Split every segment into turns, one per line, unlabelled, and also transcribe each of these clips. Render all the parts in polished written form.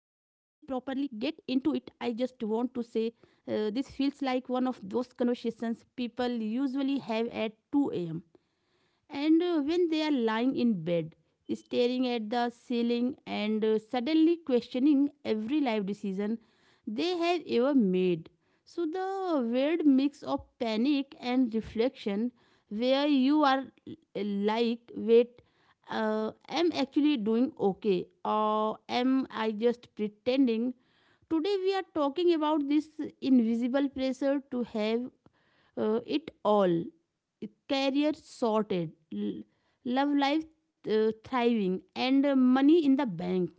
into it, I just want to say this feels like one of those conversations people usually have at 2 a.m. And when they are lying in bed, staring at the ceiling, and suddenly questioning every life decision they have ever made. So, the weird mix of panic and reflection, where you are like, wait, am actually doing okay, or am I just pretending? Today, we are talking about this invisible pressure to have it all: career sorted, love life thriving, and money in the bank,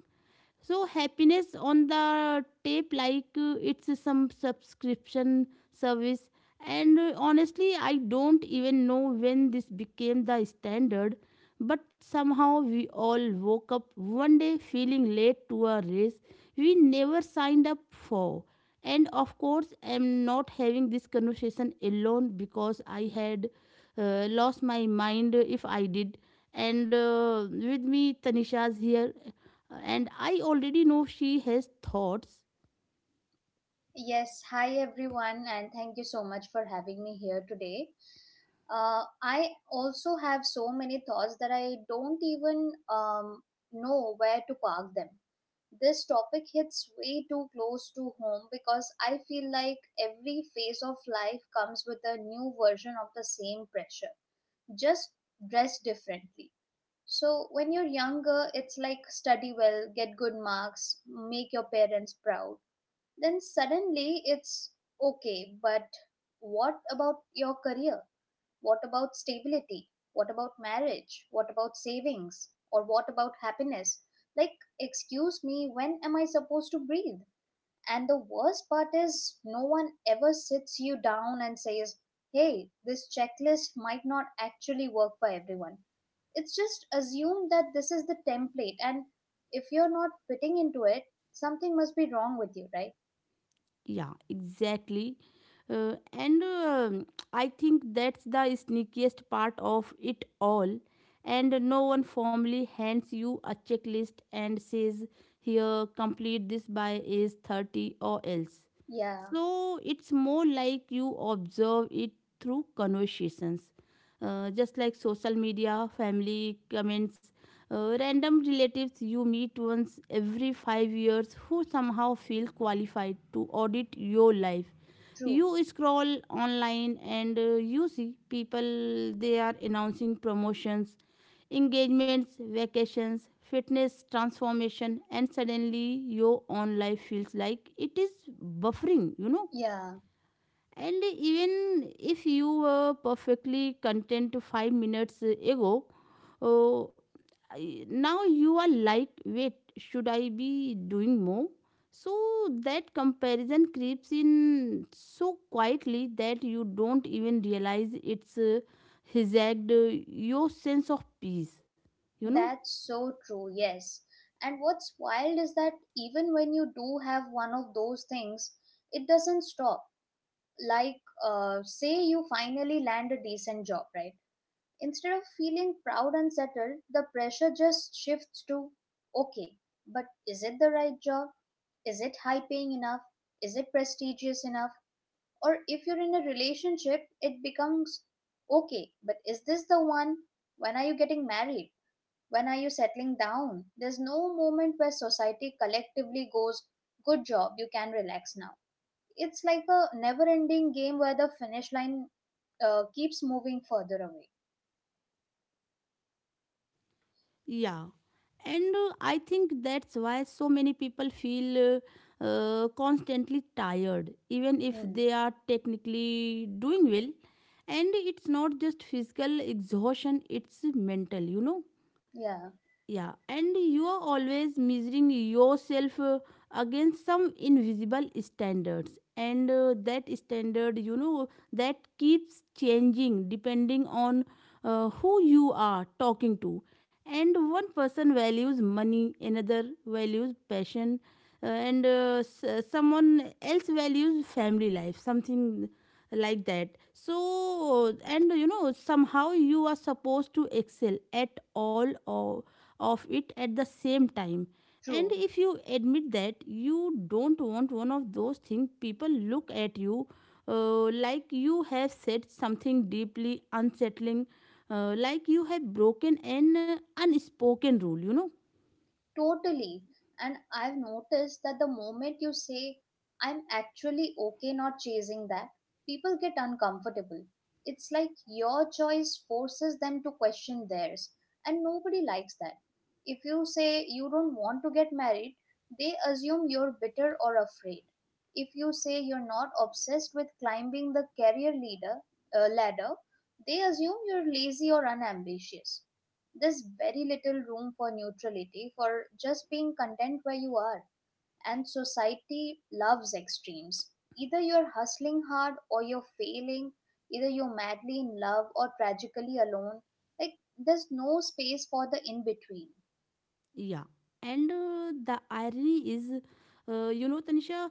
so happiness on the tape, like it's some subscription service. And honestly, I don't even know when this became the standard, but somehow we all woke up one day feeling late to a race we never signed up for. And of course, I'm not having this conversation alone, because I had lost my mind if I did. And with me, Tanisha's here, and I already know she has thoughts.
Yes, hi everyone, and thank you so much for having me here today. I also have so many thoughts that I don't even know where to park them. This topic hits way too close to home because I feel like every phase of life comes with a new version of the same pressure, just dressed differently. So, when you're younger, it's like study well, get good marks, make your parents proud, then suddenly it's okay, but what about your career? What about stability? What about marriage? What about savings? Or what about happiness? Like, excuse me, when am I supposed to breathe? And the worst part is, no one ever sits you down and says, hey, this checklist might not actually work for everyone. It's just assumed that this is the template, and if you're not fitting into it, something must be wrong with you, right?
Yeah, exactly. And I think that's the sneakiest part of it all. And no one formally hands you a checklist and says, "Here, complete this by age 30 or else."
Yeah.
So it's more like you observe it through conversations, just like social media, family comments, random relatives you meet once every 5 years who somehow feel qualified to audit your life.
True.
You scroll online, and you see people, they are announcing promotions, engagements, vacations, fitness transformation, and suddenly your own life feels like it is buffering.
Yeah,
And even if you were perfectly content 5 minutes ago, uh, now you are like, wait, should I be doing more? So that comparison creeps in so quietly that you don't even realize it's hijacked your sense of peace, you know?
that's so true. Yes. And what's wild is that even when you do have one of those things, it doesn't stop. Like, say you finally land a decent job, right? Instead of feeling proud and settled, the pressure just shifts to okay, but is it the right job? Is it high paying enough? Is it prestigious enough? Or if you're in a relationship, it becomes okay, but is this the one? When are you getting married? When are you settling down? There's no moment where society collectively goes, good job, you can relax now. It's like a never ending game where the finish line keeps moving further away.
Yeah. And I think that's why so many people feel constantly tired, even if
Hmm.
they are technically doing well. And it's not just physical exhaustion, it's mental.
Yeah,
Yeah, and you are always measuring yourself against some invisible standards, and that standard, that keeps changing depending on who you are talking to. And one person values money, another values passion, and someone else values family life, something like that. So, and somehow you are supposed to excel at all or of it at the same time. And
true.
if you admit that you don't want one of those things, people look at you like you have said something deeply unsettling, like you have broken an unspoken rule.
Totally. And I've noticed that the moment you say, I'm actually okay not chasing that, people get uncomfortable. It's like your choice forces them to question theirs, and nobody likes that. If you say you don't want to get married, they assume you're bitter or afraid. If you say you're not obsessed with climbing the career ladder, they assume you're lazy or unambitious. There's very little room for neutrality, for just being content where you are. And society loves extremes. Either you're hustling hard or you're failing, either you're madly in love or tragically alone. Like, there's no space for the in between.
Yeah, and the irony is, you know, Tanisha,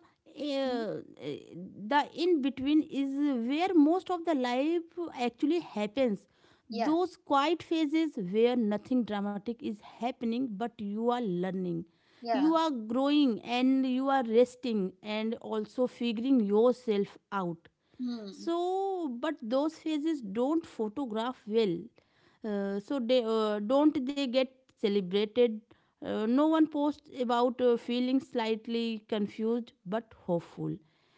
Hmm?
the in between is where most of the life actually happens.
Yeah,
Those quiet phases where nothing dramatic is happening, but you are learning, you
yeah.
are growing, and you are resting, and also figuring yourself out.
Hmm,
So, but those phases don't photograph well. So they don't they get celebrated. No one posts about feeling slightly confused but hopeful,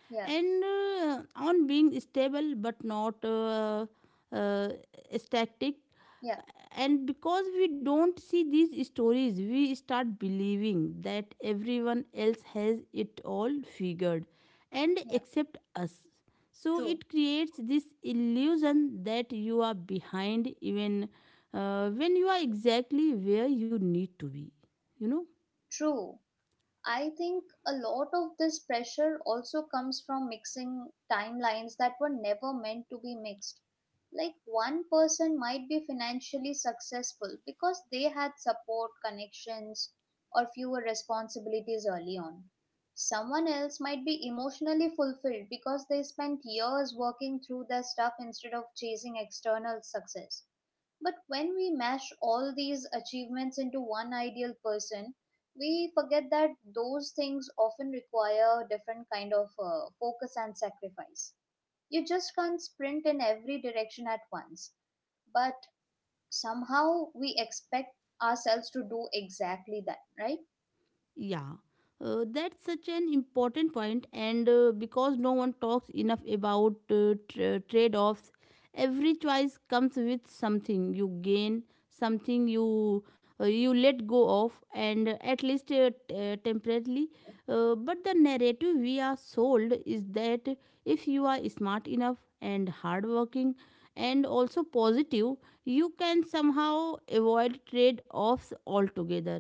yeah,
and on being stable but not uh, static.
yeah,
And because we don't see these stories, we start believing that everyone else has it all figured, and
yeah,
except us. So
true,
it creates this illusion that you are behind, even when you are exactly where you need to be you know
true. I think a lot of this pressure also comes from mixing timelines that were never meant to be mixed. Like one person might be financially successful because they had support, connections, or fewer responsibilities early on. Someone else might be emotionally fulfilled because they spent years working through their stuff instead of chasing external success, but when we mash all these achievements into one ideal person, we forget that those things often require different kind of focus and sacrifice. You just can't sprint in every direction at once, but somehow we expect ourselves to do exactly that, right?
Yeah, that's such an important point, and because no one talks enough about trade offs. Every choice comes with something you gain, something you let go of, and at least temporarily. But the narrative we are sold is that if you are smart enough and hardworking and also positive, you can somehow avoid trade offs altogether.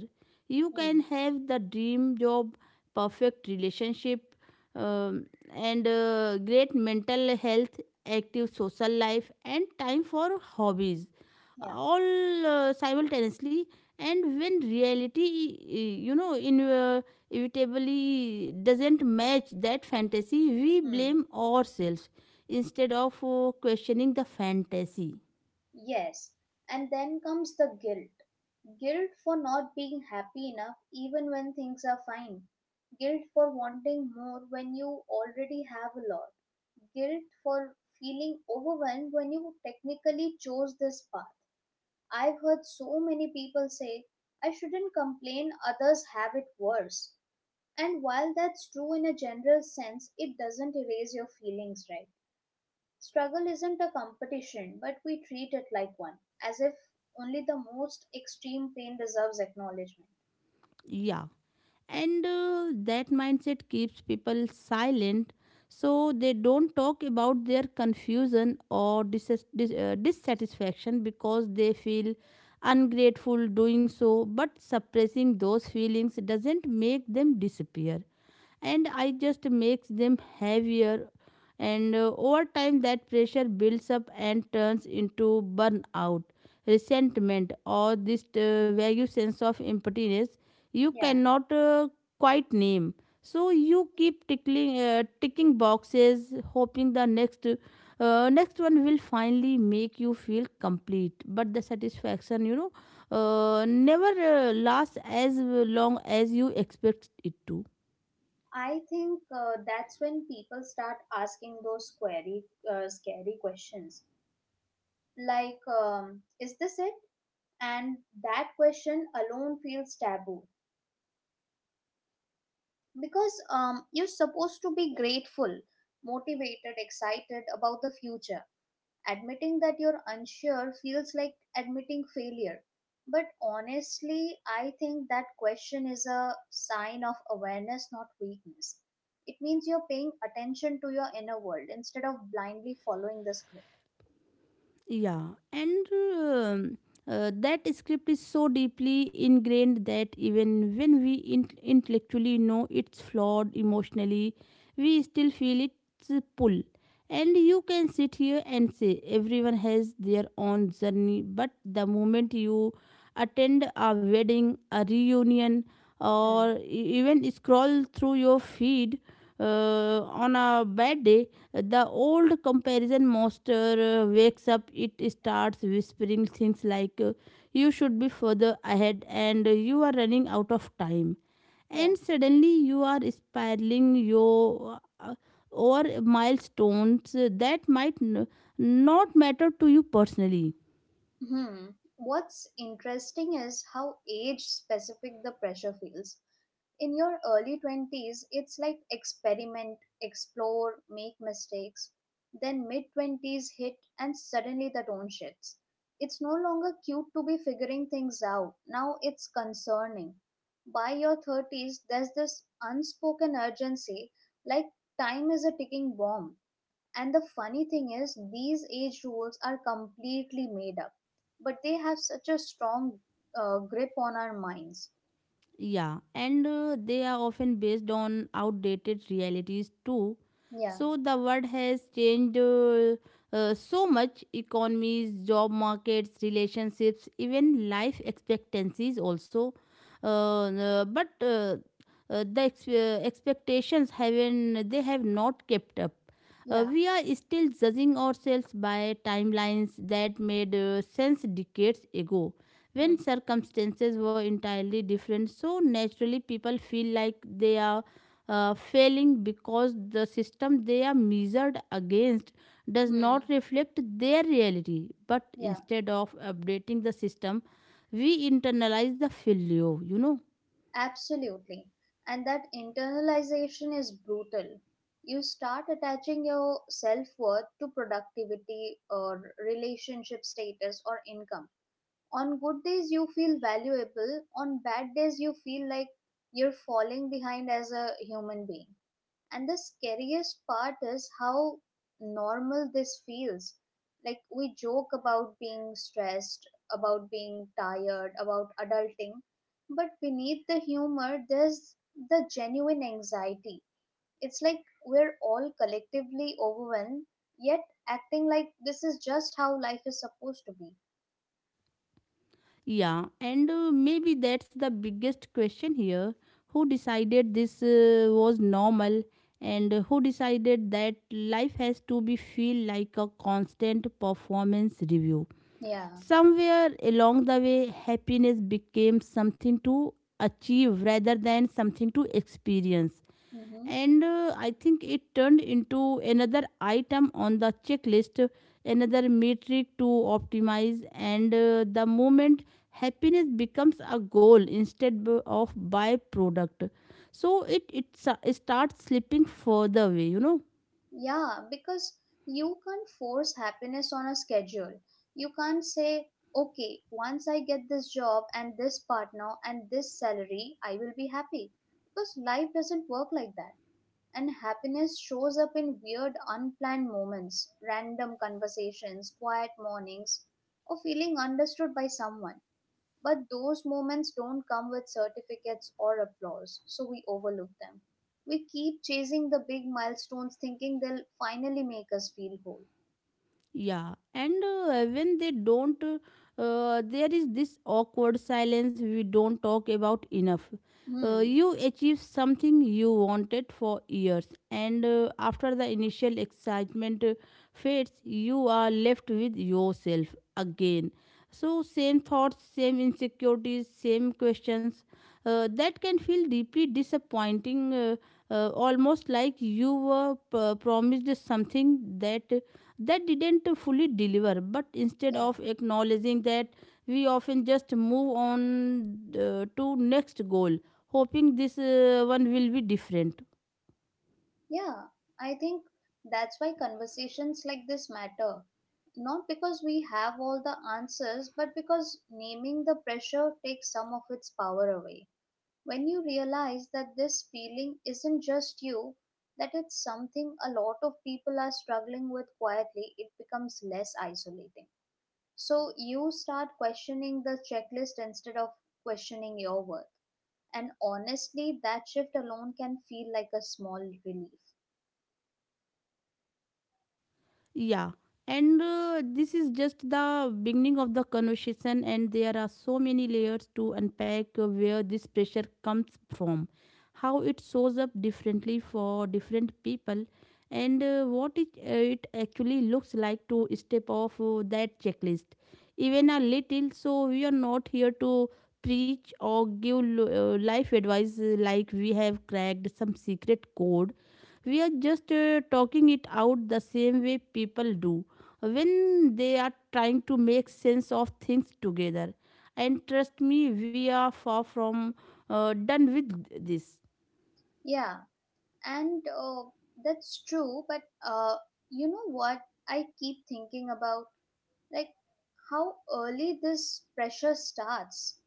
You
Hmm.
can have the dream job, perfect relationship, um, and great mental health, active social life, and time for hobbies,
Yeah.
all simultaneously. And when reality inevitably doesn't match that fantasy, we
Hmm.
blame ourselves instead of questioning the fantasy.
Yes, and then comes the guilt. Guilt for not being happy enough even when things are fine. Guilt for wanting more when you already have a lot. Guilt for feeling overwhelmed when you technically chose this path. I've heard so many people say, I shouldn't complain, others have it worse. And while that's true in a general sense, it doesn't erase your feelings, right? Struggle isn't a competition, but we treat it like one, as if only the most extreme pain deserves acknowledgement.
Yeah, and that mindset keeps people silent. So they don't talk about their confusion or dissatisfaction because they feel ungrateful doing so, but suppressing those feelings doesn't make them disappear, and I just makes them heavier. And over time that pressure builds up and turns into burnout, resentment, or this vague sense of emptiness you
Yeah,
cannot quite name. So you keep tickling ticking boxes, hoping the next one will finally make you feel complete, but the satisfaction, never lasts as long as you expect it to.
I think that's when people start asking those scary questions, like, is this it? And that question alone feels taboo because you're supposed to be grateful, motivated, excited about the future. Admitting that you're unsure feels like admitting failure. But honestly, I think that question is a sign of awareness, not weakness. It means you're paying attention to your inner world instead of blindly following the script.
Yeah, and that script is so deeply ingrained that even when we intellectually know it's flawed emotionally, we still feel its pull. And you can sit here and say everyone has their own journey, but the moment you attend a wedding, a reunion,
Hmm.
or even scroll through your feed, on a bad day, the old comparison monster wakes up. It starts whispering things like, "You should be further ahead and you are running out of time."
Yeah.
And suddenly you are spiraling your over milestones that might not matter to you personally.
Hmm. What's interesting is how age specific the pressure feels. In your early 20s, it's like experiment, explore, make mistakes, then mid 20s hit and suddenly the tone shifts. It's no longer cute to be figuring things out, now it's concerning. By your 30s there's this unspoken urgency, like time is a ticking bomb. And the funny thing is these age rules are completely made up, but they have such a strong grip on our minds.
Yeah, and they are often based on outdated realities too.
Yeah,
So the world has changed so much: economies, job markets, relationships, even life expectancies also. Uh, but the expectations haven't, they have not kept up.
yeah.
We are still judging ourselves by timelines that made sense decades ago when circumstances were entirely different. So naturally, people feel like they are failing because the system they are measured against does not
Hmm.
reflect their reality. But
Yeah,
instead of updating the system, we internalize the failure.
absolutely. And that internalization is brutal. You start attaching your self worth to productivity or relationship status or income. On good days, you feel valuable. On bad days, you feel like you're falling behind as a human being. And the scariest part is how normal this feels. Like, we joke about being stressed, about being tired, about adulting, but beneath the humor, there's the genuine anxiety. It's like we're all collectively overwhelmed, yet acting like this is just how life is supposed to be.
Yeah, and maybe that's the biggest question here. Who decided this was normal, and who decided that life has to be feel like a constant performance review?
Yeah.
Somewhere along the way, happiness became something to achieve rather than something to experience,
Mm-hmm.
and I think it turned into another item on the checklist, another metric to optimize. And the moment happiness becomes a goal instead of byproduct, so it starts slipping further away.
Yeah, because you can't force happiness on a schedule. You can't say, okay, once I get this job and this partner and this salary, I will be happy. Because life doesn't work like that. And happiness shows up in weird, unplanned moments, random conversations, quiet mornings, or feeling understood by someone. But those moments don't come with certificates or applause, so we overlook them. We keep chasing the big milestones thinking they'll finally make us feel whole.
Yeah, and when they don't, there is this awkward silence we don't talk about enough.
Hmm.
You achieve something you wanted for years, and after the initial excitement fades, you are left with yourself again. So, same thoughts, same insecurities, same questions that can feel deeply disappointing, almost like you were promised something that didn't fully deliver, but instead
Yeah.
of acknowledging that, we often just move on to next goal, hoping this one will be different.
Yeah. I think that's why conversations like this matter. Not because we have all the answers, but because naming the pressure takes some of its power away. When you realize that this feeling isn't just you, that it's something a lot of people are struggling with quietly, it becomes less isolating. So you start questioning the checklist instead of questioning your worth. And honestly, that shift alone can feel like a small relief.
Yeah, and this is just the beginning of the conversation, and there are so many layers to unpack: where this pressure comes from, how it shows up differently for different people, and what it actually looks like to step off that checklist, even a little. So, we are not here to preach or give life advice like we have cracked some secret code. We are just talking it out the same way people do when they are trying to make sense of things together, and trust me, we are far from done with this.
Yeah, and that's true, but you know what? I keep thinking about, like, how early this pressure starts,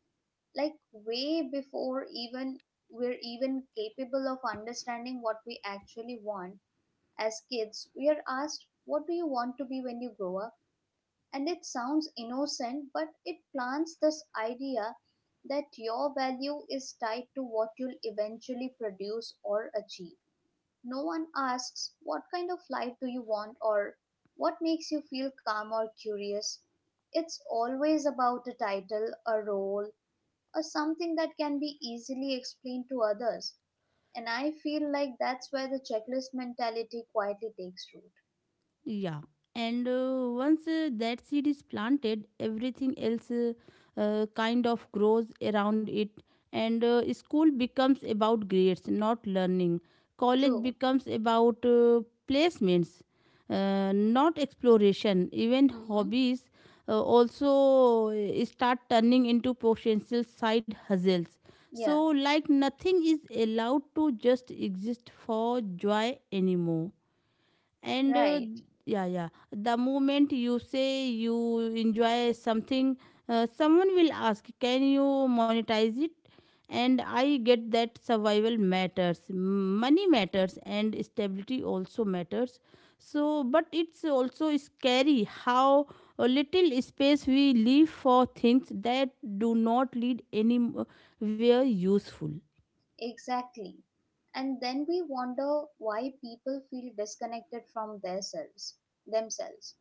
like way before even we're even capable of understanding what we actually want. As kids we are asked what do you want to be when you grow up, and it sounds innocent, but it plants this idea that your value is tied to what you'll eventually produce or achieve. No one asks what kind of life do you want, or what makes you feel calm or curious. It's always about a title, a role, or something that can be easily explained to others. And I feel like that's where the checklist mentality quietly takes root.
Yeah, and once that seed is planted, everything else kind of grows around it. And school becomes about grades, not learning. College
True.
becomes about placements, not exploration. Even
Mm-hmm.
hobbies also start turning into potential side hustles. So,
Yeah,
like nothing is allowed to just exist for joy anymore, and
right.
yeah, yeah, the moment you say you enjoy something, someone will ask, can you monetize it? And I get that survival matters, money matters, and stability also matters, so but it's also scary how a little space we leave for things that do not lead anywhere useful.
Exactly. And then we wonder why people feel disconnected from themselves, themselves.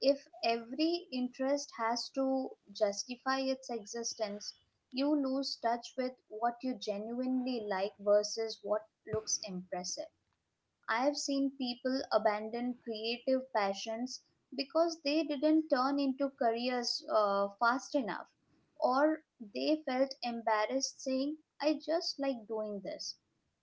If every interest has to justify its existence, you lose touch with what you genuinely like versus what looks impressive. I have seen people abandon creative passions because they didn't turn into careers fast enough, or they felt embarrassed saying, I just like doing this.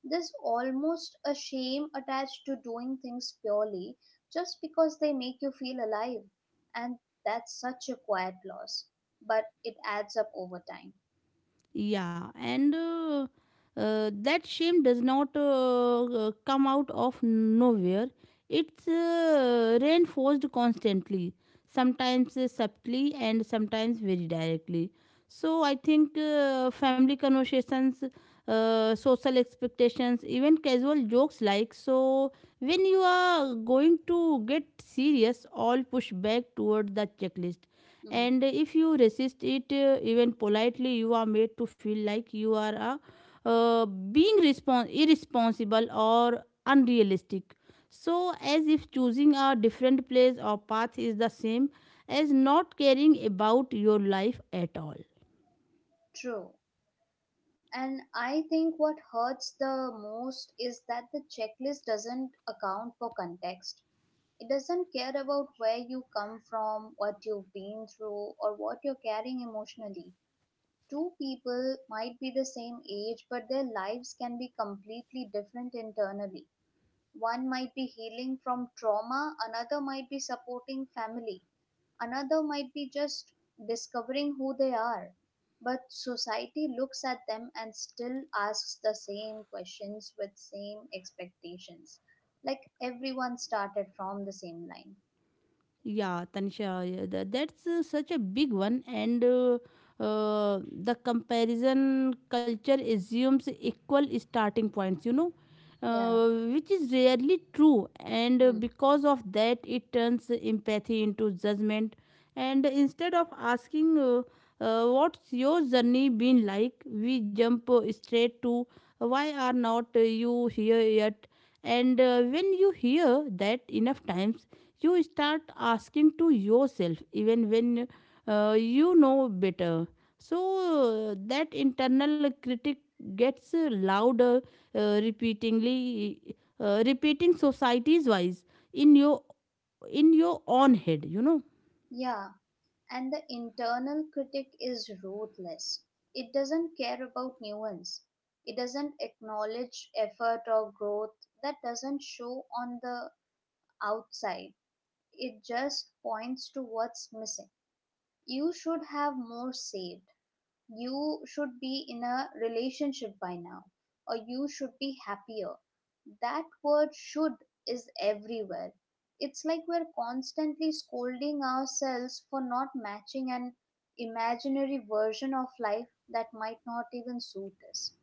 There's almost a shame attached to doing things purely just because they make you feel alive, and that's such a quiet loss, but it adds up over time.
Yeah, and that shame does not come out of nowhere. It's reinforced constantly, sometimes subtly and sometimes very directly. So I think family conversations, social expectations, even casual jokes like, so, when you are going to get serious, all push back toward the checklist.
Mm,
And if you resist it even politely, you are made to feel like you are a being irresponsible or unrealistic, so as if choosing a different place or path is the same as not caring about your life at all.
true. And I think what hurts the most is that the checklist doesn't account for context. It doesn't care about where you come from, what you've been through, or what you're carrying emotionally. Two people might be the same age, but their lives can be completely different internally. One might be healing from trauma, another might be supporting family, another might be just discovering who they are. But society looks at them and still asks the same questions with same expectations. Like everyone started from the same line.
Yeah, Tanisha, yeah, that's such a big one, and the comparison culture assumes equal starting points,
Yeah.
which is rarely true, and
Hmm.
because of that, it turns empathy into judgment. And instead of asking, what's your journey been like? We jump straight to, why are not you here yet? And when you hear that enough times, you start asking to yourself even when you know better, so that internal critic gets louder, repeatingly repeating societies wise in your in your own head, you know.
Yeah. And the internal critic is ruthless. It doesn't care about nuance. It doesn't acknowledge effort or growth that doesn't show on the outside. It just points to what's missing. You should have more saved, you should be in a relationship by now, or you should be happier. That word, should, is everywhere. It's like we're constantly scolding ourselves for not matching an imaginary version of life that might not even suit us.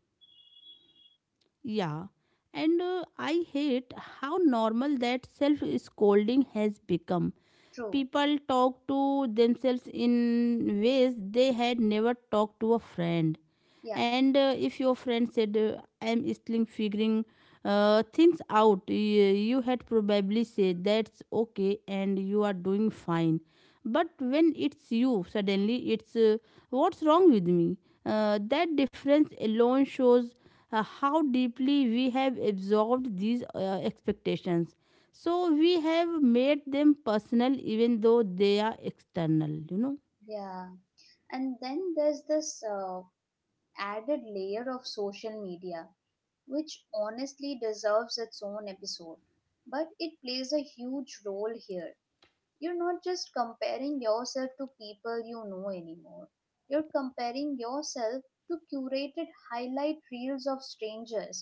Yeah, and I hate how normal that self scolding has become.
True.
People talk to themselves in ways they had never talked to a friend.
Yeah,
And if your friend said I am still figuring things out, you had probably said that's okay and you are doing fine, but when it's you, suddenly it's, what's wrong with me? That difference alone shows how deeply we have absorbed these expectations, so we have made them personal even though they are external, you know.
yeah. And then there's this added layer of social media, which honestly deserves its own episode, but it plays a huge role here. You're not just comparing yourself to people you know anymore. You're comparing yourself to curated highlight reels of strangers.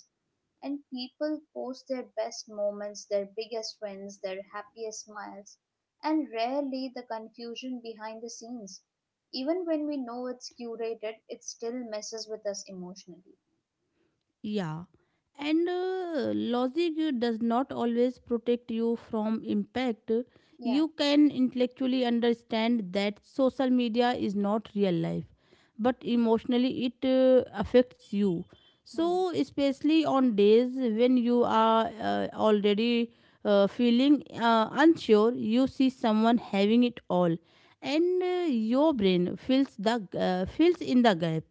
And people post their best moments, their biggest wins, their happiest smiles, and rarely the confusion behind the scenes. Even when we know it's curated, it still messes with us emotionally.
Yeah. And logic does not always protect you from impact.
Yeah,
You can intellectually understand that social media is not real life, but emotionally it affects you.
hmm,
So, especially on days when you are already feeling unsure, you see someone having it all, and your brain fills the fills in the gap,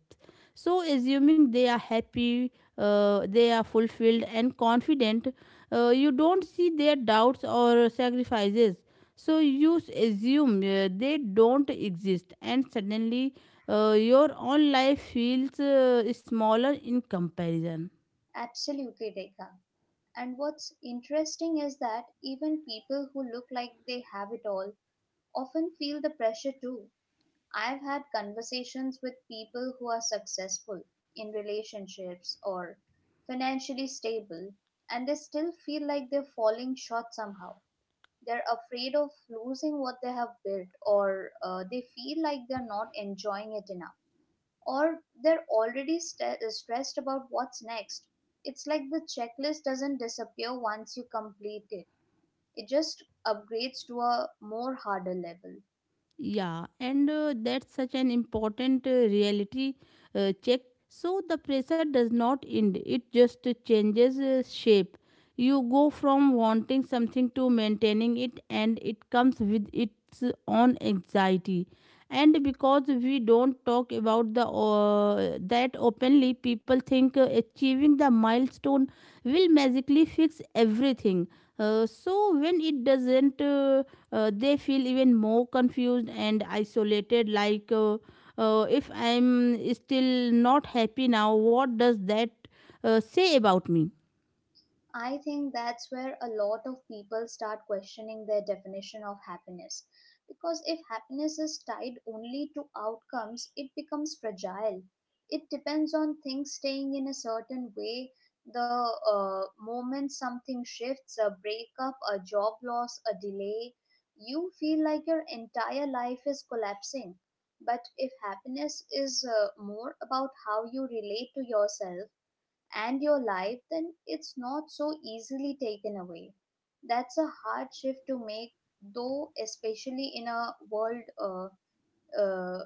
so, assuming they are happy, they are fulfilled and confident, you don't see their doubts or sacrifices. So, you assume they don't exist, and suddenly your own life feels smaller in comparison.
absolutely, Rekha. And what's interesting is that even people who look like they have it all often feel the pressure too. I've had conversations with people who are successful in relationships or financially stable, and they still feel like they're falling short somehow. They're afraid of losing what they have built, or they feel like they're not enjoying it enough, or they're already stressed about what's next. It's like the checklist doesn't disappear once you complete it, it just upgrades to a more harder level.
Yeah, and that's such an important reality check. So the pressure does not end, it just changes shape. You go from wanting something to maintaining it, and it comes with its own anxiety. And because we don't talk about the that openly, people think achieving the milestone will magically fix everything. So when it doesn't, they feel even more confused and isolated, like, if I'm still not happy now, what does that say about me?
I think that's where a lot of people start questioning their definition of happiness. Because if happiness is tied only to outcomes, it becomes fragile. It depends on things staying in a certain way. The moment something shifts, a breakup, a job loss, a delay, you feel like your entire life is collapsing. But if happiness is more about how you relate to yourself, and your life, then it's not so easily taken away. That's a hard shift to make, though, especially in a world uh,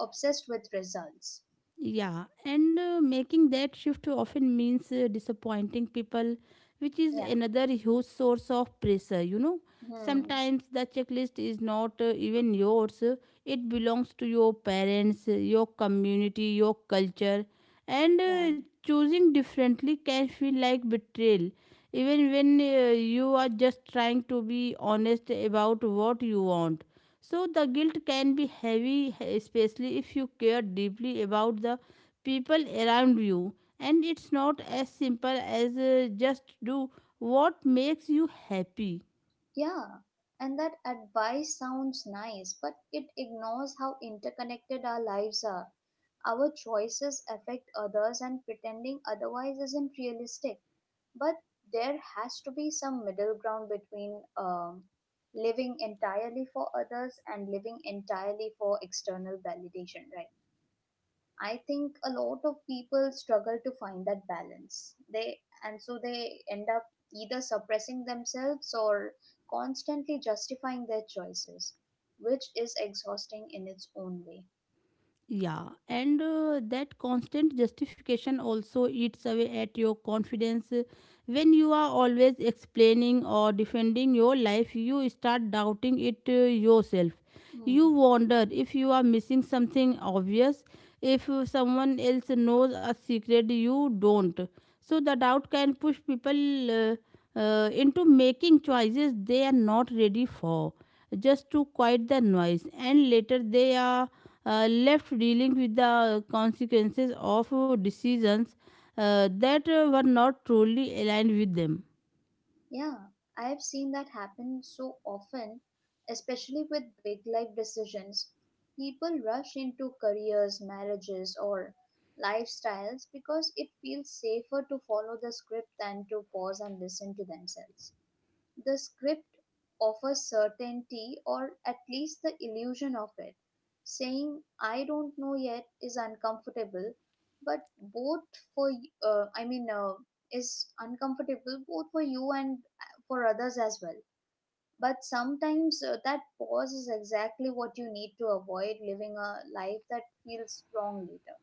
obsessed with results.
Yeah, and making that shift often means disappointing people, which is
Yeah.
another huge source of pressure, you know.
Hmm.
Sometimes the checklist is not even yours, it belongs to your parents, your community, your culture, and
Yeah.
choosing differently can feel like betrayal, even when you are just trying to be honest about what you want. So the guilt can be heavy, especially if you care deeply about the people around you. And it's not as simple as just do what makes you happy.
Yeah, and that advice sounds nice, but it ignores how interconnected our lives are. Our choices affect others, and pretending otherwise isn't realistic. But there has to be some middle ground between living entirely for others and living entirely for external validation, right? I think a lot of people struggle to find that balance. They and so they end up either suppressing themselves or constantly justifying their choices, which is exhausting in its own way.
Yeah, and that constant justification also eats away at your confidence. When you are always explaining or defending your life, you start doubting it, yourself. You
Hmm.
wonder if you are missing something obvious, if someone else knows a secret you don't. So, the doubt can push people into making choices they are not ready for just to quiet the noise, and later they are left dealing with the consequences of decisions that were not truly aligned with them.
Yeah, I have seen that happen so often, especially with big life decisions. People rush into careers, marriages, or lifestyles because it feels safer to follow the script than to pause and listen to themselves. The script offers certainty, or at least the illusion of it. Saying "I don't know yet" is uncomfortable, but both for y- I mean is uncomfortable both for you and for others as well. But sometimes that pause is exactly what you need to avoid living a life that feels wrong later.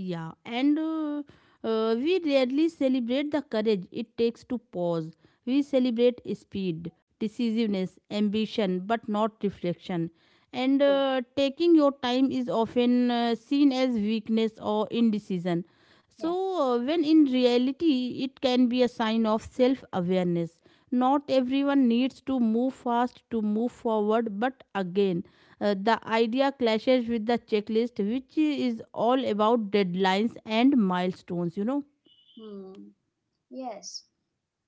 Yeah, and we rarely celebrate the courage it takes to pause. We celebrate speed, decisiveness, ambition, but not reflection. And
True.
taking your time is often seen as weakness or indecision. So,
Yeah.
when in reality, it can be a sign of self awareness. Not everyone needs to move fast to move forward, but again, the idea clashes with the checklist, which is all about deadlines and milestones, you know.
Hmm. Yes.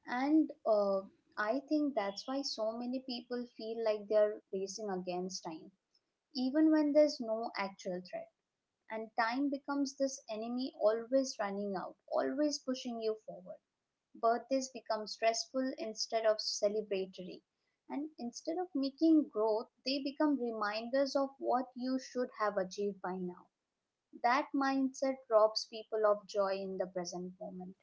And I think that's why so many people feel like they're racing against time, even when there's no actual threat. And time becomes this enemy, always running out, always pushing you forward. Birthdays become stressful instead of celebratory. And instead of making growth, they become reminders of what you should have achieved by now. That mindset robs people of joy in the present moment.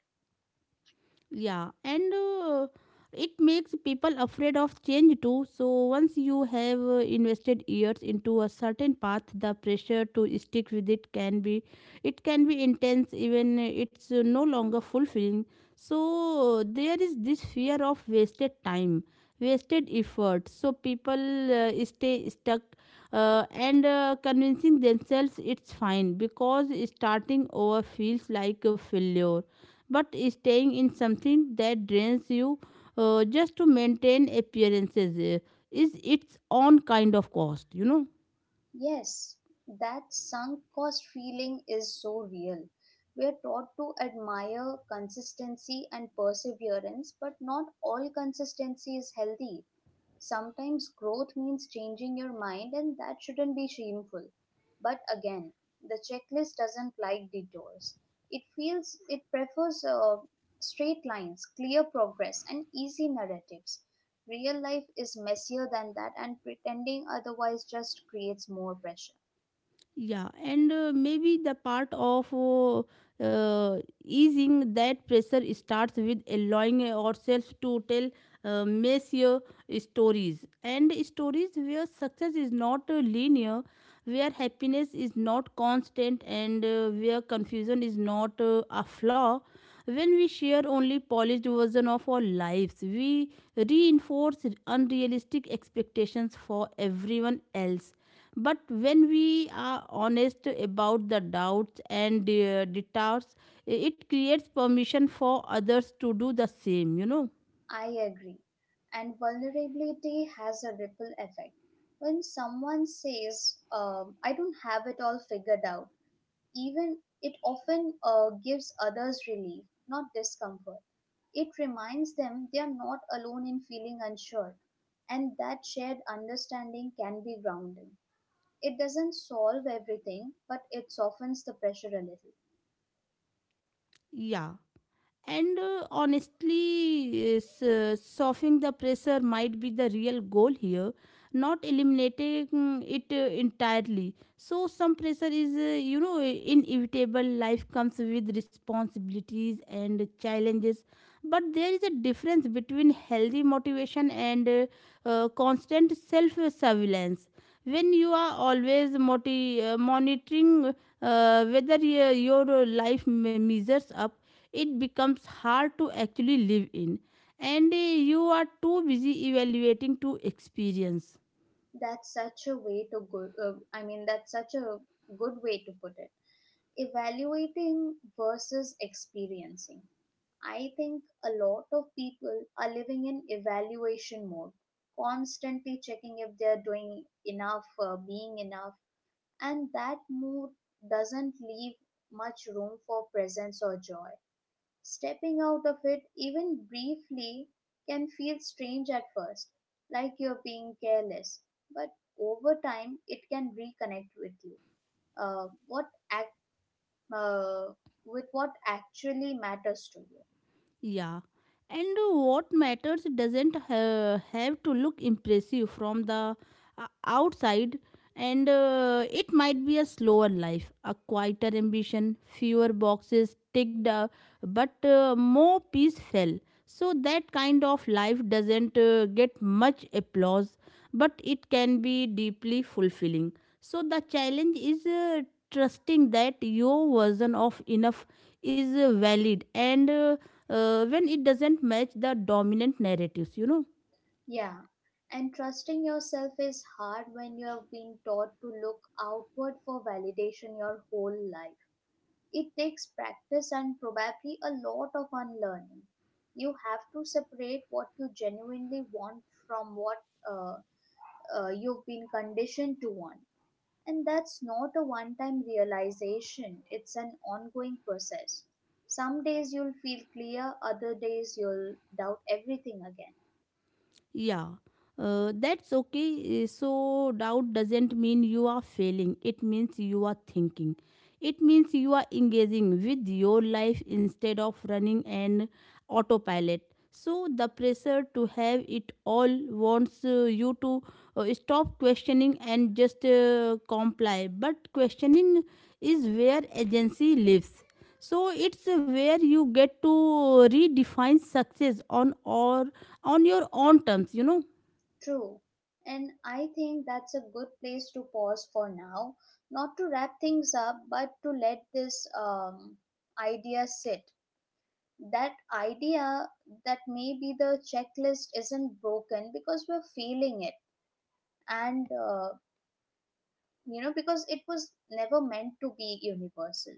Yeah, and it makes people afraid of change too. So once you have invested years into a certain path, the pressure to stick with it can be intense even it's no longer fulfilling. So there is this fear of wasted time, wasted effort. So people stay stuck and convincing themselves it's fine because starting over feels like a failure, but staying in something that drains you just to maintain appearances is its own kind of cost, you know.
Yes, that sunk cost feeling is so real. We are taught to admire consistency and perseverance, but not all consistency is healthy. Sometimes growth means changing your mind, and that shouldn't be shameful. But again, the checklist doesn't like detours. It feels it prefers straight lines, clear progress, and easy narratives. Real life is messier than that, and pretending otherwise just creates more pressure.
Yeah, and maybe the part of uh, easing that pressure starts with allowing ourselves to tell messier stories, and stories where success is not linear, where happiness is not constant, and where confusion is not a flaw. When we share only polished version of our lives, we reinforce unrealistic expectations for everyone else, but when we are honest about the doubts and doubts, it creates permission for others to do the same, you know.
I agree. And vulnerability has a ripple effect. When someone says, "I don't have it all figured out," even it often gives others relief, not discomfort. It reminds them they are not alone in feeling unsure, and that shared understanding can be grounding. It doesn't solve everything, but it softens the pressure a little.
Yeah. And honestly, softening the pressure might be the real goal here, not eliminating it entirely. So, some pressure is, inevitable. Life comes with responsibilities and challenges. But there is a difference between healthy motivation and constant self surveillance. When you are always monitoring whether your life measures up, it becomes hard to actually live in, and you are too busy evaluating to experience.
That's such a way to good. I mean, that's such a good way to put it. Evaluating versus experiencing. I think a lot of people are living in evaluation mode, constantly checking if they're doing enough, being enough, and that mood doesn't leave much room for presence or joy. Stepping out of it, even briefly, can feel strange at first, like you're being careless, but over time, it can reconnect with you. Uh, what act, uh, with what actually matters to you.
Yeah, and what matters doesn't have to look impressive from the outside, and it might be a slower life, a quieter ambition, fewer boxes ticked, but more peaceful. So, that kind of life doesn't get much applause, but it can be deeply fulfilling. So, the challenge is trusting that your version of enough is valid and when it doesn't match the dominant narratives, you know.
Yeah, and trusting yourself is hard when you have been taught to look outward for validation your whole life. It takes practice and probably a lot of unlearning. You have to separate what you genuinely want from what uh, you've been conditioned to want. And that's not a one time realization, it's an ongoing process. Some days you'll feel clear, other days you'll doubt everything again.
Yeah, that's okay. So, doubt doesn't mean you are failing, it means you are thinking. It means you are engaging with your life instead of running an autopilot. So, the pressure to have it all wants you to stop questioning and just comply. But questioning is where agency lives. So, it's where you get to redefine success on or on your own terms, you know.
True. And I think that's a good place to pause for now, not to wrap things up, but to let this idea sit. That idea that maybe the checklist isn't broken because we're feeling it, and you know, because it was never meant to be universal.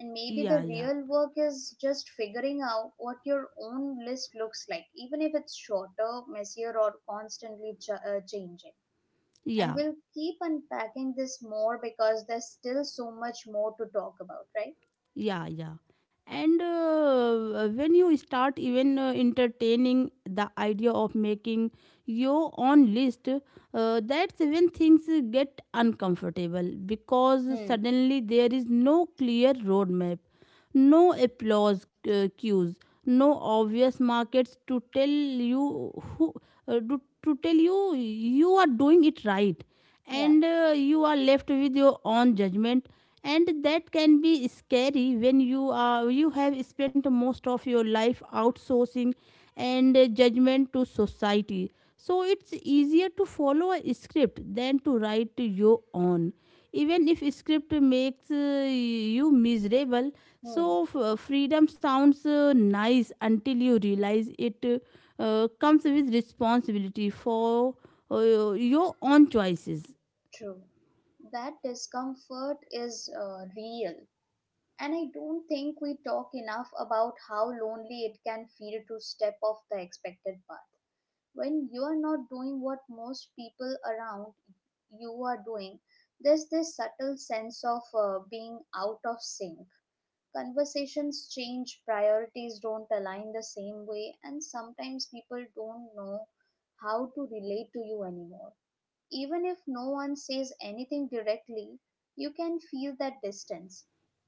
And maybe
Yeah,
the
yeah,
real work is just figuring out what your own list looks like, even if it's shorter, messier, or constantly changing. And
yeah.
we'll keep unpacking this more because there's still so much more to talk about, right?
Yeah, yeah, and when you start even entertaining the idea of making your own list, that's when things get uncomfortable, because
Hmm.
suddenly there is no clear roadmap, no applause cues, no obvious markets to tell you who to tell you you are doing it right,
Yeah.
and you are left with your own judgment. And that can be scary when you have spent most of your life outsourcing and judgment to society, so it's easier to follow a script than to write your own. Even if script makes you miserable,
Hmm,
so freedom sounds nice until you realize it comes with responsibility for your own choices.
true. That discomfort is real. And I don't think we talk enough about how lonely it can feel to step off the expected path. When you are not doing what most people around you are doing, there's this subtle sense of being out of sync. Conversations change, priorities don't align the same way, and sometimes people don't know how to relate to you anymore. Even if no one says anything directly, you can feel that distance,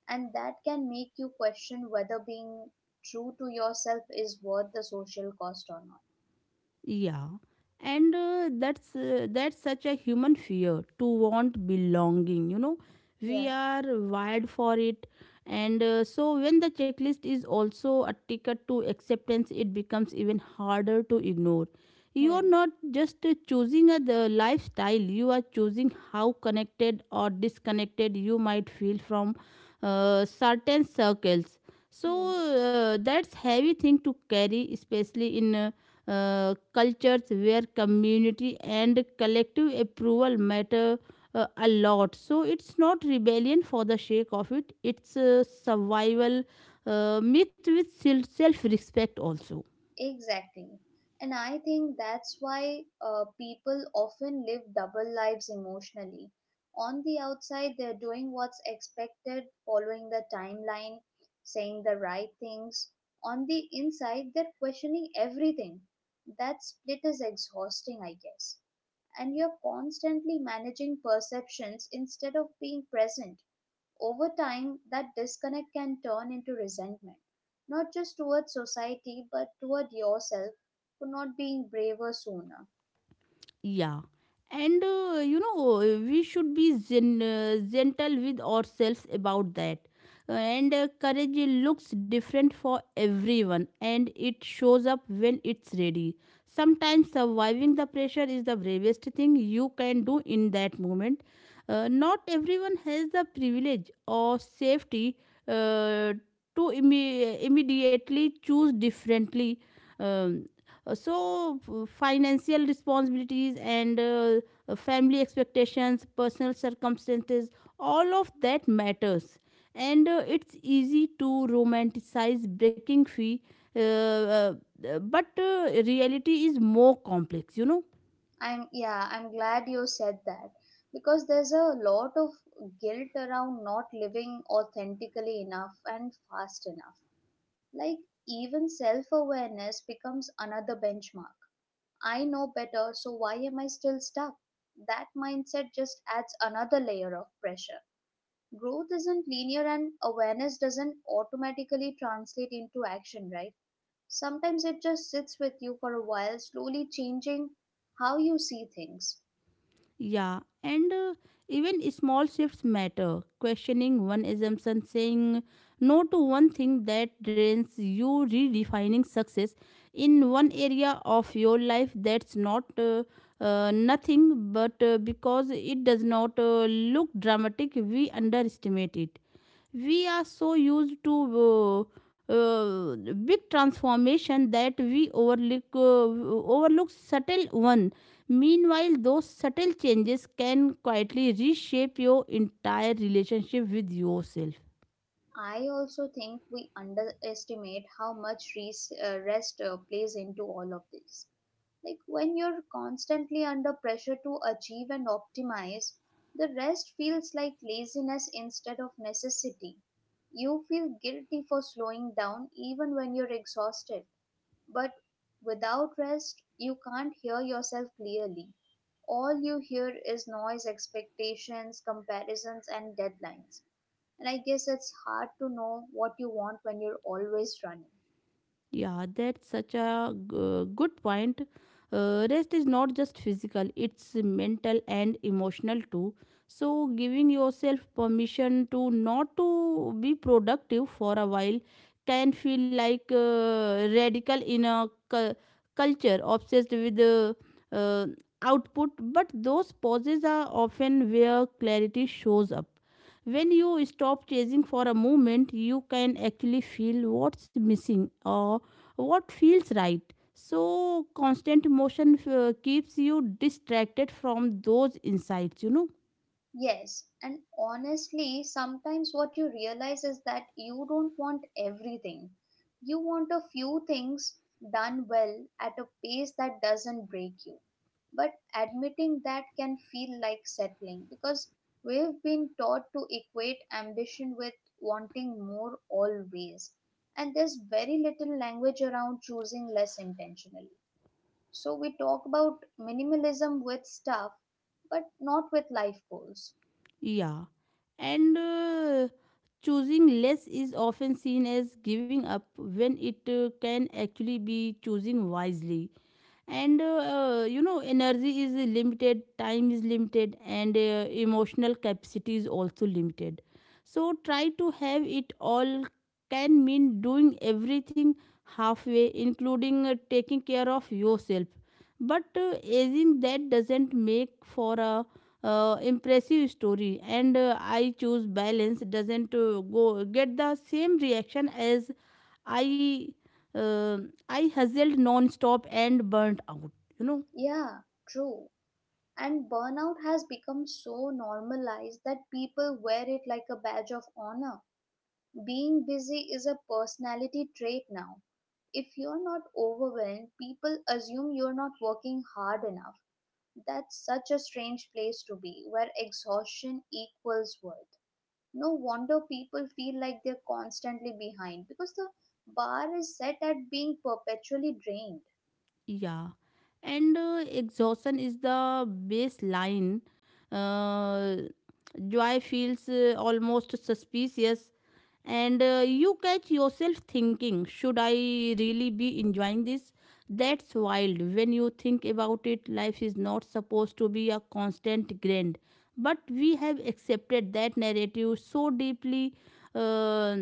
and that can make you question whether being true to yourself is worth the social cost or not.
Yeah, and that's such a human fear, to want belonging. You know, we
Yeah.
are wired for it, and so when the checklist is also a ticket to acceptance, it becomes even harder to ignore. You are
Hmm.
not just choosing a the lifestyle, you are choosing how connected or disconnected you might feel from certain circles,
Hmm.
so that's heavy thing to carry, especially in cultures where community and collective approval matter a lot. So it's not rebellion for the sake of it, it's survival mixed with self respect also.
Exactly. And I think that's why people often live double lives emotionally. On the outside, they're doing what's expected, following the timeline, saying the right things. On the inside, they're questioning everything. That split is exhausting, I guess. And you're constantly managing perceptions instead of being present. Over time, that disconnect can turn into resentment, not just towards society, but toward yourself for not being braver sooner.
Yeah. And we should be gentle with ourselves about that. And courage looks different for everyone, and it shows up when it's ready. Sometimes surviving the pressure is the bravest thing you can do in that moment. Not everyone has the privilege or safety uh, to immediately choose differently. Um, so financial responsibilities and family expectations, personal circumstances, all of that matters. And it's easy to romanticize breaking free, uh, uh, but reality is more complex, you know.
I'm glad you said that because there's a lot of guilt around not living authentically enough and fast enough. Like, even self awareness becomes another benchmark. I know better, so why am I still stuck? That mindset just adds another layer of pressure. Growth isn't linear and awareness doesn't automatically translate into action, right? Sometimes it just sits with you for a while, slowly changing how you see things.
Yeah, and even small shifts matter. Questioning one assumption, saying no to one thing that drains you, redefining success in one area of your life, that's not nothing, but because it does not look dramatic, we underestimate it. We are so used to uh, uh, big transformation that we overlook subtle one. Meanwhile those subtle changes can quietly reshape your entire relationship with yourself.
I also think we underestimate how much rest plays into all of this. Like when you're constantly under pressure to achieve and optimize, the rest feels like laziness instead of necessity. You feel guilty for slowing down even when you're exhausted. But without rest, you can't hear yourself clearly. All you hear is noise, expectations, comparisons, and deadlines. And I guess it's hard to know what you want when you're always running.
Yeah, that's such a good point. Rest is not just physical, it's mental and emotional too. So, giving yourself permission to not to be productive for a while can feel like radical in a culture obsessed with uh, output, but those pauses are often where clarity shows up. When you stop chasing for a moment, you can actually feel what's missing or what feels right. So, constant motion keeps you distracted from those insights, you know.
Yes, and honestly, sometimes what you realize is that you don't want everything. You want a few things done well at a pace that doesn't break you. But admitting that can feel like settling because we've been taught to equate ambition with wanting more always. And there's very little language around choosing less intentionally. So we talk about minimalism with stuff but not with life goals.
Yeah. And choosing less is often seen as giving up when it can actually be choosing wisely. And you know, energy is limited, time is limited, and emotional capacity is also limited. So try to have it all can mean doing everything halfway, including taking care of yourself. But uh, aging that doesn't make for a impressive story, and I choose balance doesn't go get the same reaction as I uh, I hustled non-stop and burnt out. You know,
Yeah, true. And burnout has become so normalized that people wear it like a badge of honor. Being busy is a personality trait now. If you're not overwhelmed, people assume you're not working hard enough. That's such a strange place to be, where exhaustion equals worth. No wonder people feel like they're constantly behind because the bar is set at being perpetually drained.
yeah. And Exhaustion is the baseline. Uh, Joy feels almost suspicious, and you catch yourself thinking, should I really be enjoying this? That's wild. When you think about it, life is not supposed to be a constant grind. But we have accepted that narrative so deeply uh, uh,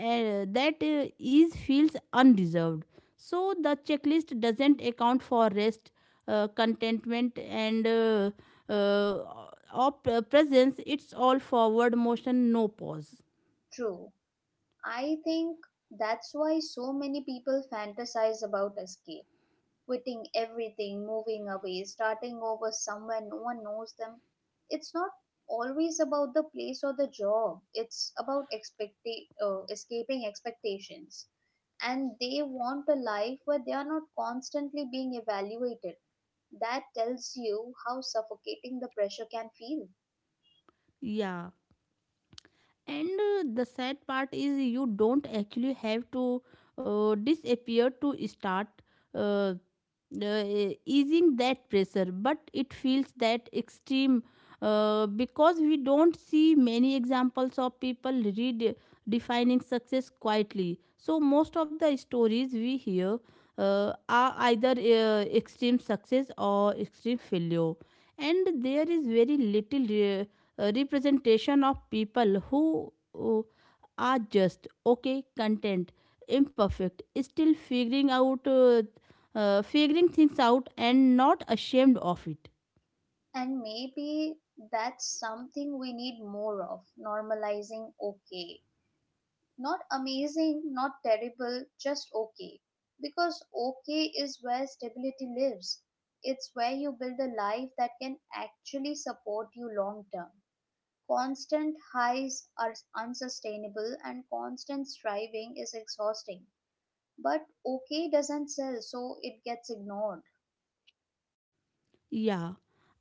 that ease feels undeserved. So the checklist doesn't account for rest, contentment, and uh, presence. It's all forward motion, no pause.
True. I think that's why so many people fantasize about escape, quitting everything, moving away, starting over somewhere no one knows them. It's not always about the place or the job. It's about escaping expectations. And they want a life where they are not constantly being evaluated. That tells you how suffocating the pressure can feel.
Yeah. And the sad part is you don't actually have to disappear to start uh, uh, easing that pressure, but it feels that extreme because we don't see many examples of people redefining success quietly. So most of the stories we hear are either extreme success or extreme failure, and there is very little representation of people who uh, are just okay, content, imperfect, still figuring out figuring things out and not ashamed of it.
And maybe that's something we need more of, normalizing okay. Not amazing, not terrible, just okay. Because okay is where stability lives. It's where you build a life that can actually support you long term. Constant highs are unsustainable and constant striving is exhausting. But okay doesn't sell, so it gets ignored.
Yeah.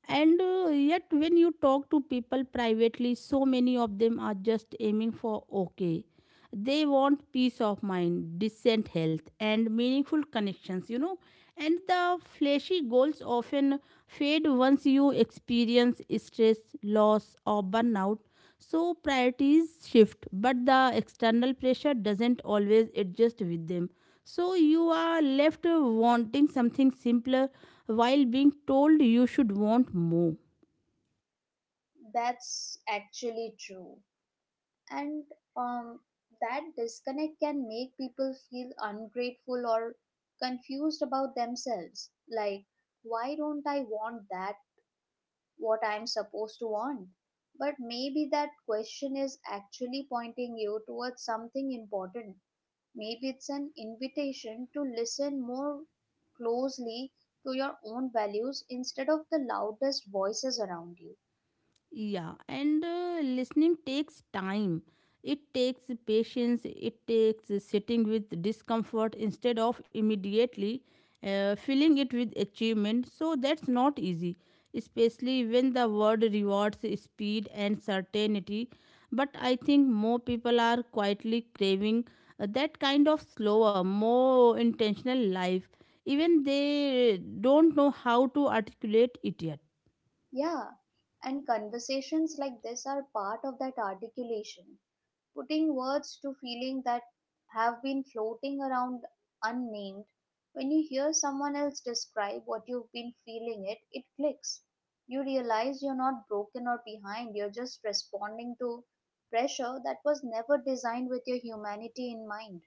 And yet, when you talk to people privately, so many of them are just aiming for okay. They want peace of mind, decent health, and meaningful connections, you know. And the flashy goals often fade once you experience stress, loss, or burnout. So priorities shift, but the external pressure doesn't always adjust with them. So you are left wanting something simpler while being told you should want more.
That's actually true. And um, that disconnect can make people feel ungrateful or confused about themselves, like, why don't I want that, what I'm supposed to want? But maybe that question is actually pointing you towards something important. Maybe it's an invitation to listen more closely to your own values instead of the loudest voices around you.
Yeah, and listening takes time. It takes patience. It takes sitting with discomfort instead of immediately filling it with achievement. So that's not easy, especially when the world rewards speed and certainty. But I think more people are quietly craving that kind of slower, more intentional life, even they don't know how to articulate it yet.
Yeah, and conversations like this are part of that articulation, putting words to feeling that have been floating around unnamed. When you hear someone else describe what you've been feeling it, it clicks. You realize you're not broken or behind, you're just responding to pressure that was never designed with your humanity in mind.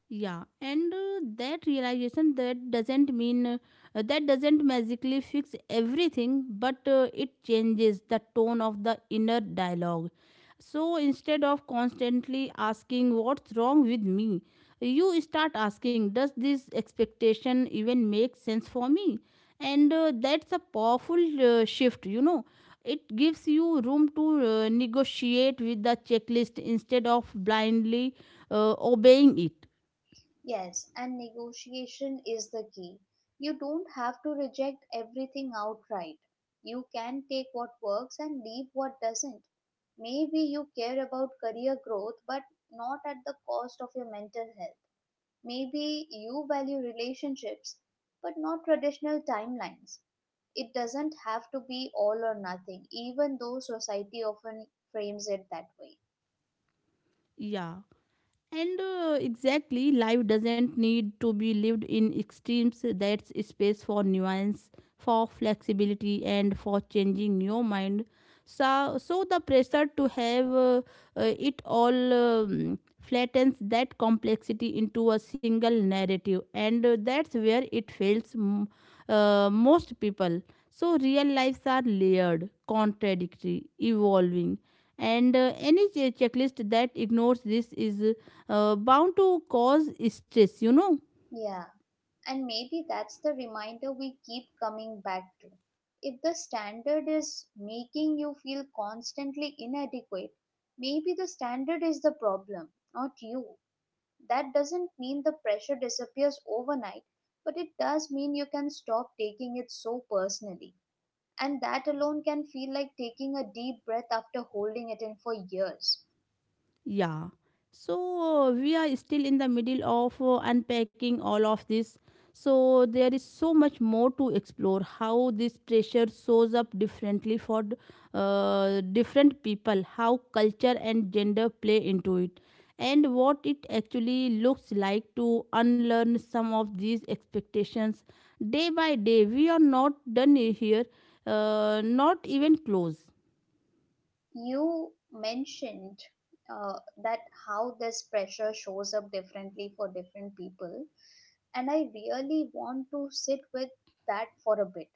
Yeah, and that realization that doesn't mean that doesn't magically fix everything, but it changes the tone of the inner dialogue. So instead of constantly asking what's wrong with me, you start asking does this expectation even make sense for me, and that's a powerful shift, you know. It gives you room to negotiate with the checklist instead of blindly obeying it.
Yes, and negotiation is the key. You don't have to reject everything outright. You can take what works and leave what doesn't. Maybe you care about career growth, but not at the cost of your mental health. Maybe you value relationships, but not traditional timelines. It doesn't have to be all or nothing, even though society often frames it that way.
呀 And exactly, life doesn't need to be lived in extremes. That's space for nuance, for flexibility, and for changing your mind. So the pressure to have it all flattens that complexity into a single narrative, and that's where it fails most people. So real lives are layered, contradictory, evolving, and any checklist that ignores this is bound to cause stress, you know.
Yeah. And maybe that's the reminder we keep coming back to. If the standard is making you feel constantly inadequate, maybe the standard is the problem, not you. That doesn't mean the pressure disappears overnight, but it does mean you can stop taking it so personally. And that alone can feel like taking a deep breath after holding it in for years.
Yeah. So we are still in the middle of unpacking all of this. So there is so much more to explore: how this pressure shows up differently for different people, how culture and gender play into it, and what it actually looks like to unlearn some of these expectations day by day. We are not done here, not even close.
You mentioned uh, that how this pressure shows up differently for different people, and I really want to sit with that for a bit,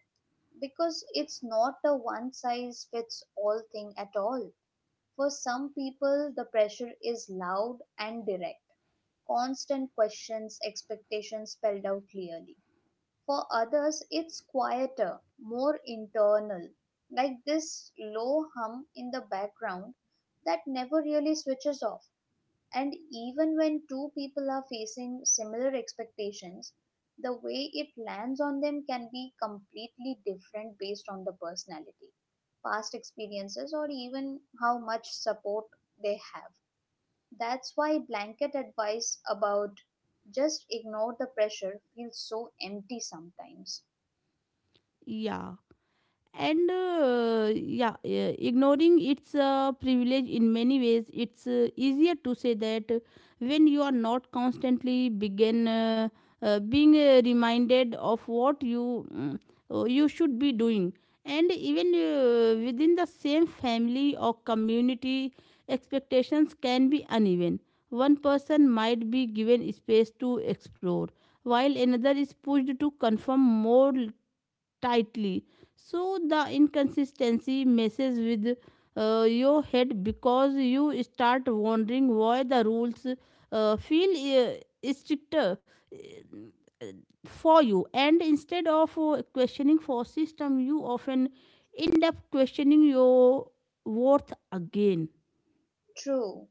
because it's not a one size fits all thing at all. For some people, the pressure is loud and direct, constant questions, expectations spelled out clearly. For others, it's quieter, more internal, like this low hum in the background that never really switches off. And even when two people are facing similar expectations, the way it lands on them can be completely different based on the personality, past experiences, or even how much support they have. That's why blanket advice about just ignore the pressure feels so empty sometimes.
Yeah. And ignoring its privilege in many ways. It's easier to say that when you are not constantly begin being reminded of what you you should be doing. And even within the same family or community, expectations can be uneven. One person might be given space to explore while another is pushed to conform more tightly. So the inconsistency messes with your head, because you start wondering why the rules feel stricter for you, and instead of questioning for system, you often end up questioning your worth again.
True.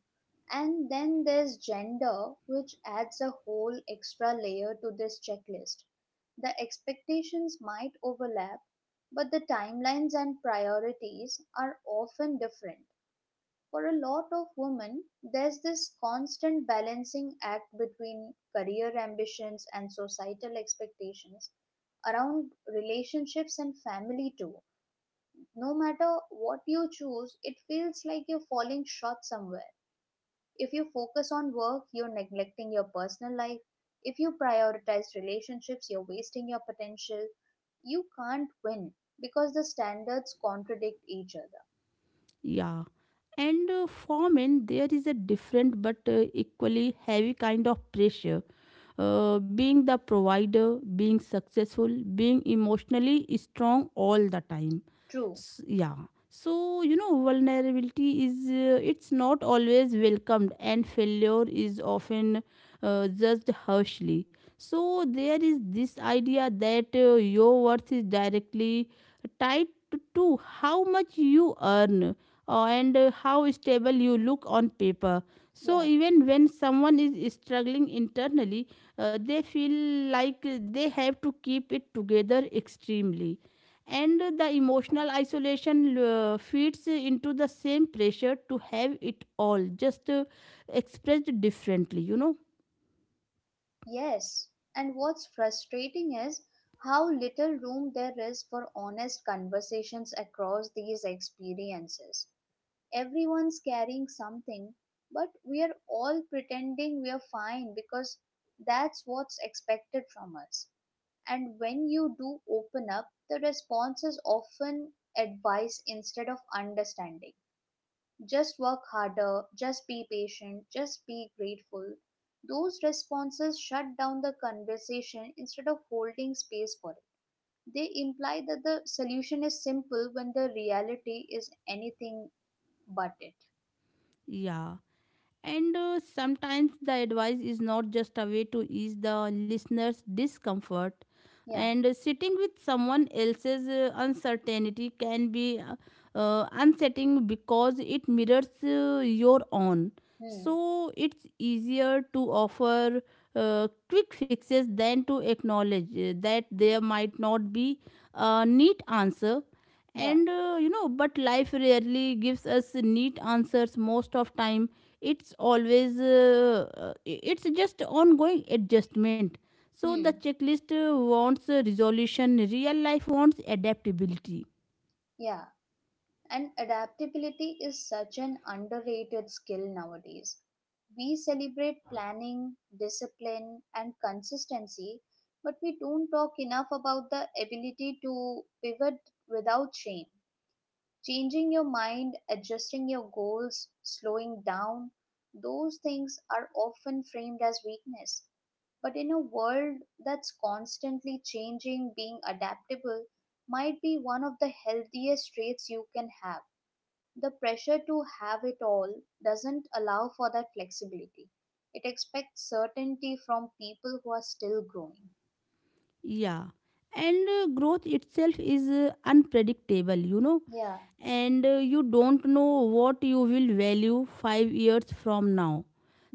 And then there's gender, which adds a whole extra layer to this checklist. The expectations might overlap, but the timelines and priorities are often different. For a lot of women, there's this constant balancing act between career ambitions and societal expectations around relationships and family too. No matter what you choose, it feels like you're falling short somewhere. If you focus on work, you're neglecting your personal life. If you prioritize relationships, you're wasting your potential. You can't win because the standards contradict each other.
Yeah. And for men, there is a different but equally heavy kind of pressure. Being the provider, being successful, being emotionally strong all the time.
True.
Yeah. So, you know, vulnerability is, it's not always welcomed, and failure is often judged harshly. So there is this idea that your worth is directly tied to how much you earn and how stable you look on paper. So
Yeah.
even when someone is struggling internally, they feel like they have to keep it together extremely. And the emotional isolation feeds into the same pressure to have it all, just expressed differently, you know?
Yes. And what's frustrating is how little room there is for honest conversations across these experiences. Everyone's carrying something, but we are all pretending we are fine because that's what's expected from us. And when you do open up, the response is often advice instead of understanding. Just work harder, just be patient, just be grateful. Those responses shut down the conversation instead of holding space for it. They imply that the solution is simple when the reality is anything but it.
Yeah. And sometimes the advice is not just a way to ease the listener's discomfort.
Yeah.
And sitting with someone else's uncertainty can be unsettling because it mirrors your own.
Hmm.
So it's easier to offer quick fixes than to acknowledge that there might not be a neat answer.
Yeah.
And you know, but life rarely gives us neat answers most of time. It's always it's just ongoing adjustment. So the
Hmm.
checklist wants resolution, real life wants adaptability.
Yeah. And adaptability is such an underrated skill nowadays. We celebrate planning, discipline, and consistency, but we don't talk enough about the ability to pivot without shame. Changing your mind, adjusting your goals, slowing down, those things are often framed as weakness. But in a world that's constantly changing, being adaptable might be one of the healthiest traits you can have. The pressure to have it all doesn't allow for that flexibility. It expects certainty from people who are still growing.
Yeah, and growth itself is unpredictable, you know.
Yeah.
And you don't know what you will value 5 years from now.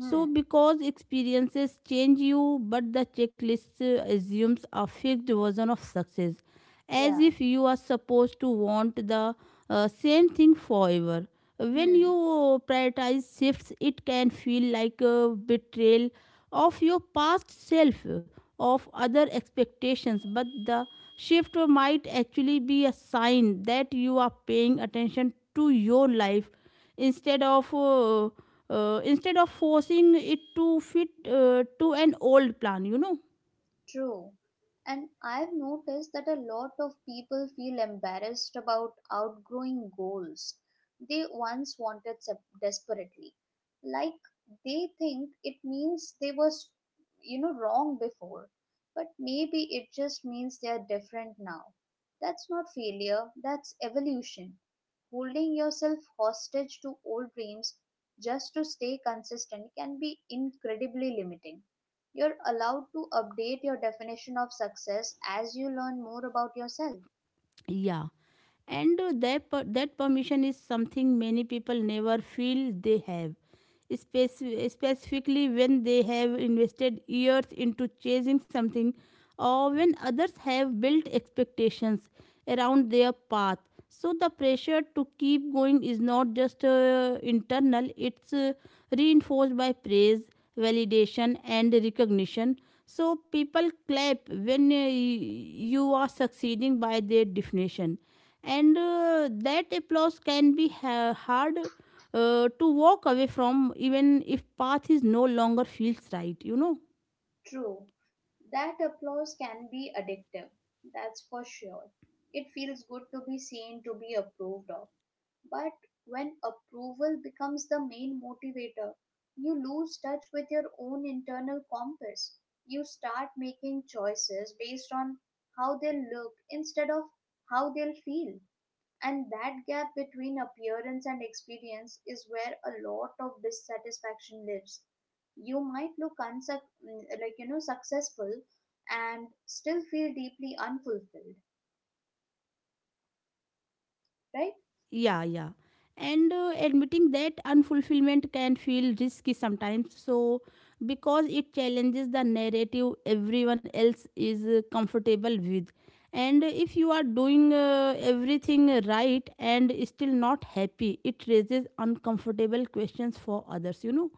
So because experiences change you, but the checklist assumes a fixed version of success, as
Yeah.
if you are supposed to want the same thing forever. When you
Hmm.
prioritize shifts, it can feel like a betrayal of your past self, of other expectations. But the shift might actually be a sign that you are paying attention to your life instead of uh, instead of forcing it to fit to an old plan. You know.
True. And I've noticed that a lot of people feel embarrassed about outgrowing goals they once wanted desperately. Like they think it means they were, wrong before. But maybe it just means they are different now. That's not failure, that's evolution. Holding yourself hostage to old dreams just to stay consistent can be incredibly limiting. You're allowed to update your definition of success as you learn more about yourself.
Yeah. And that permission is something many people never feel they have. Specifically when they have invested years into chasing something, or when others have built expectations around their path. So the pressure to keep going is not just internal, it's reinforced by praise, validation, and recognition. So people clap when you are succeeding by their definition, and that applause can be hard to walk away from, even if path is no longer feels right, you know.
True, that applause can be addictive, that's for sure. It feels good to be seen, to be approved of. But when approval becomes the main motivator, you lose touch with your own internal compass. You start making choices based on how they'll look instead of how they'll feel. And that gap between appearance and experience is where a lot of dissatisfaction lives. You might look successful and still feel deeply unfulfilled, right?
Yeah, yeah. And admitting that unfulfillment can feel risky sometimes. So because it challenges the narrative everyone else is comfortable with, and if you are doing everything right and still not happy, it raises uncomfortable questions for others, you know.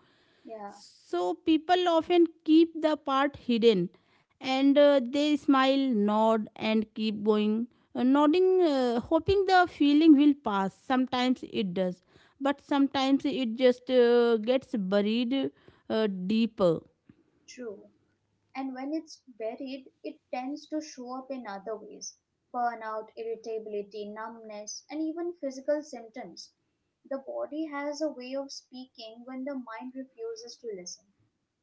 Yeah,
So people often keep the part hidden, and they smile, nod, and keep going, nodding, hoping the feeling will pass. Sometimes it does, but sometimes it just gets buried deeper.
true. And when it's buried, it tends to show up in other ways: burnout, irritability, numbness, and even physical symptoms. The body has a way of speaking when the mind refuses to listen.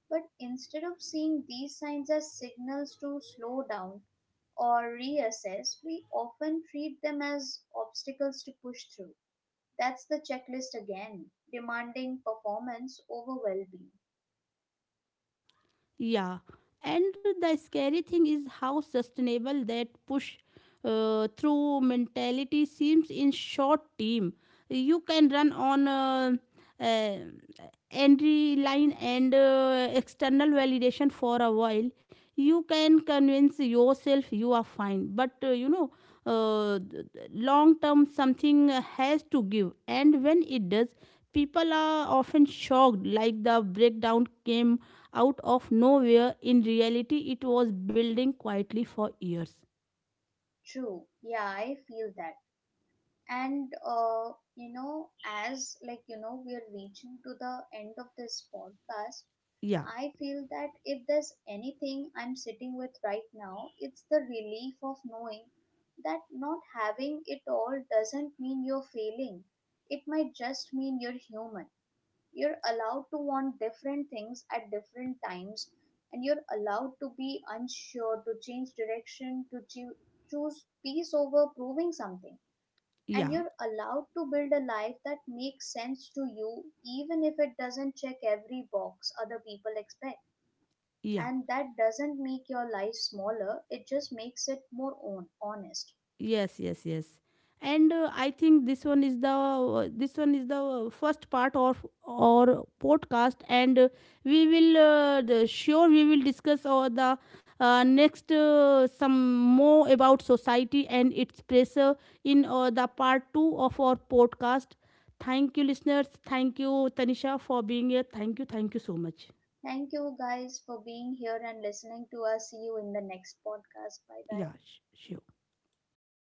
But instead of seeing these signs as signals to slow down or reassess, we often treat them as obstacles to push through. That's the checklist again, demanding performance over well being.
Yeah, and the scary thing is how sustainable that push through mentality seems in short team. You can run on uh, entry line and external validation for a while. You can convince yourself you are fine, but you know, uh, long term something has to give, and when it does, people are often shocked, like the breakdown came out of nowhere. In reality, it was building quietly for years.
True, yeah, I feel that. And you know, as we are reaching to the end of this podcast,
Yeah,
I feel that if there's anything I'm sitting with right now, it's the relief of knowing that not having it all doesn't mean you're failing. It might just mean you're human. You're allowed to want different things at different times, and you're allowed to be unsure, to change direction, to choose peace over proving something. And
yeah,
you're allowed to build a life that makes sense to you, even if it doesn't check every box other people expect.
yeah.
And that doesn't make your life smaller, it just makes it more honest.
Yes, yes, yes. And I think this one is the first part of our podcast, and sure we will discuss or the next some more about society and its pressure in the part two of our podcast. Thank you, listeners. Thank you, Tanisha, for being here. Thank you. Thank you so much.
Thank you guys for being here and listening to us. See you in the next podcast. Bye bye.
呀，学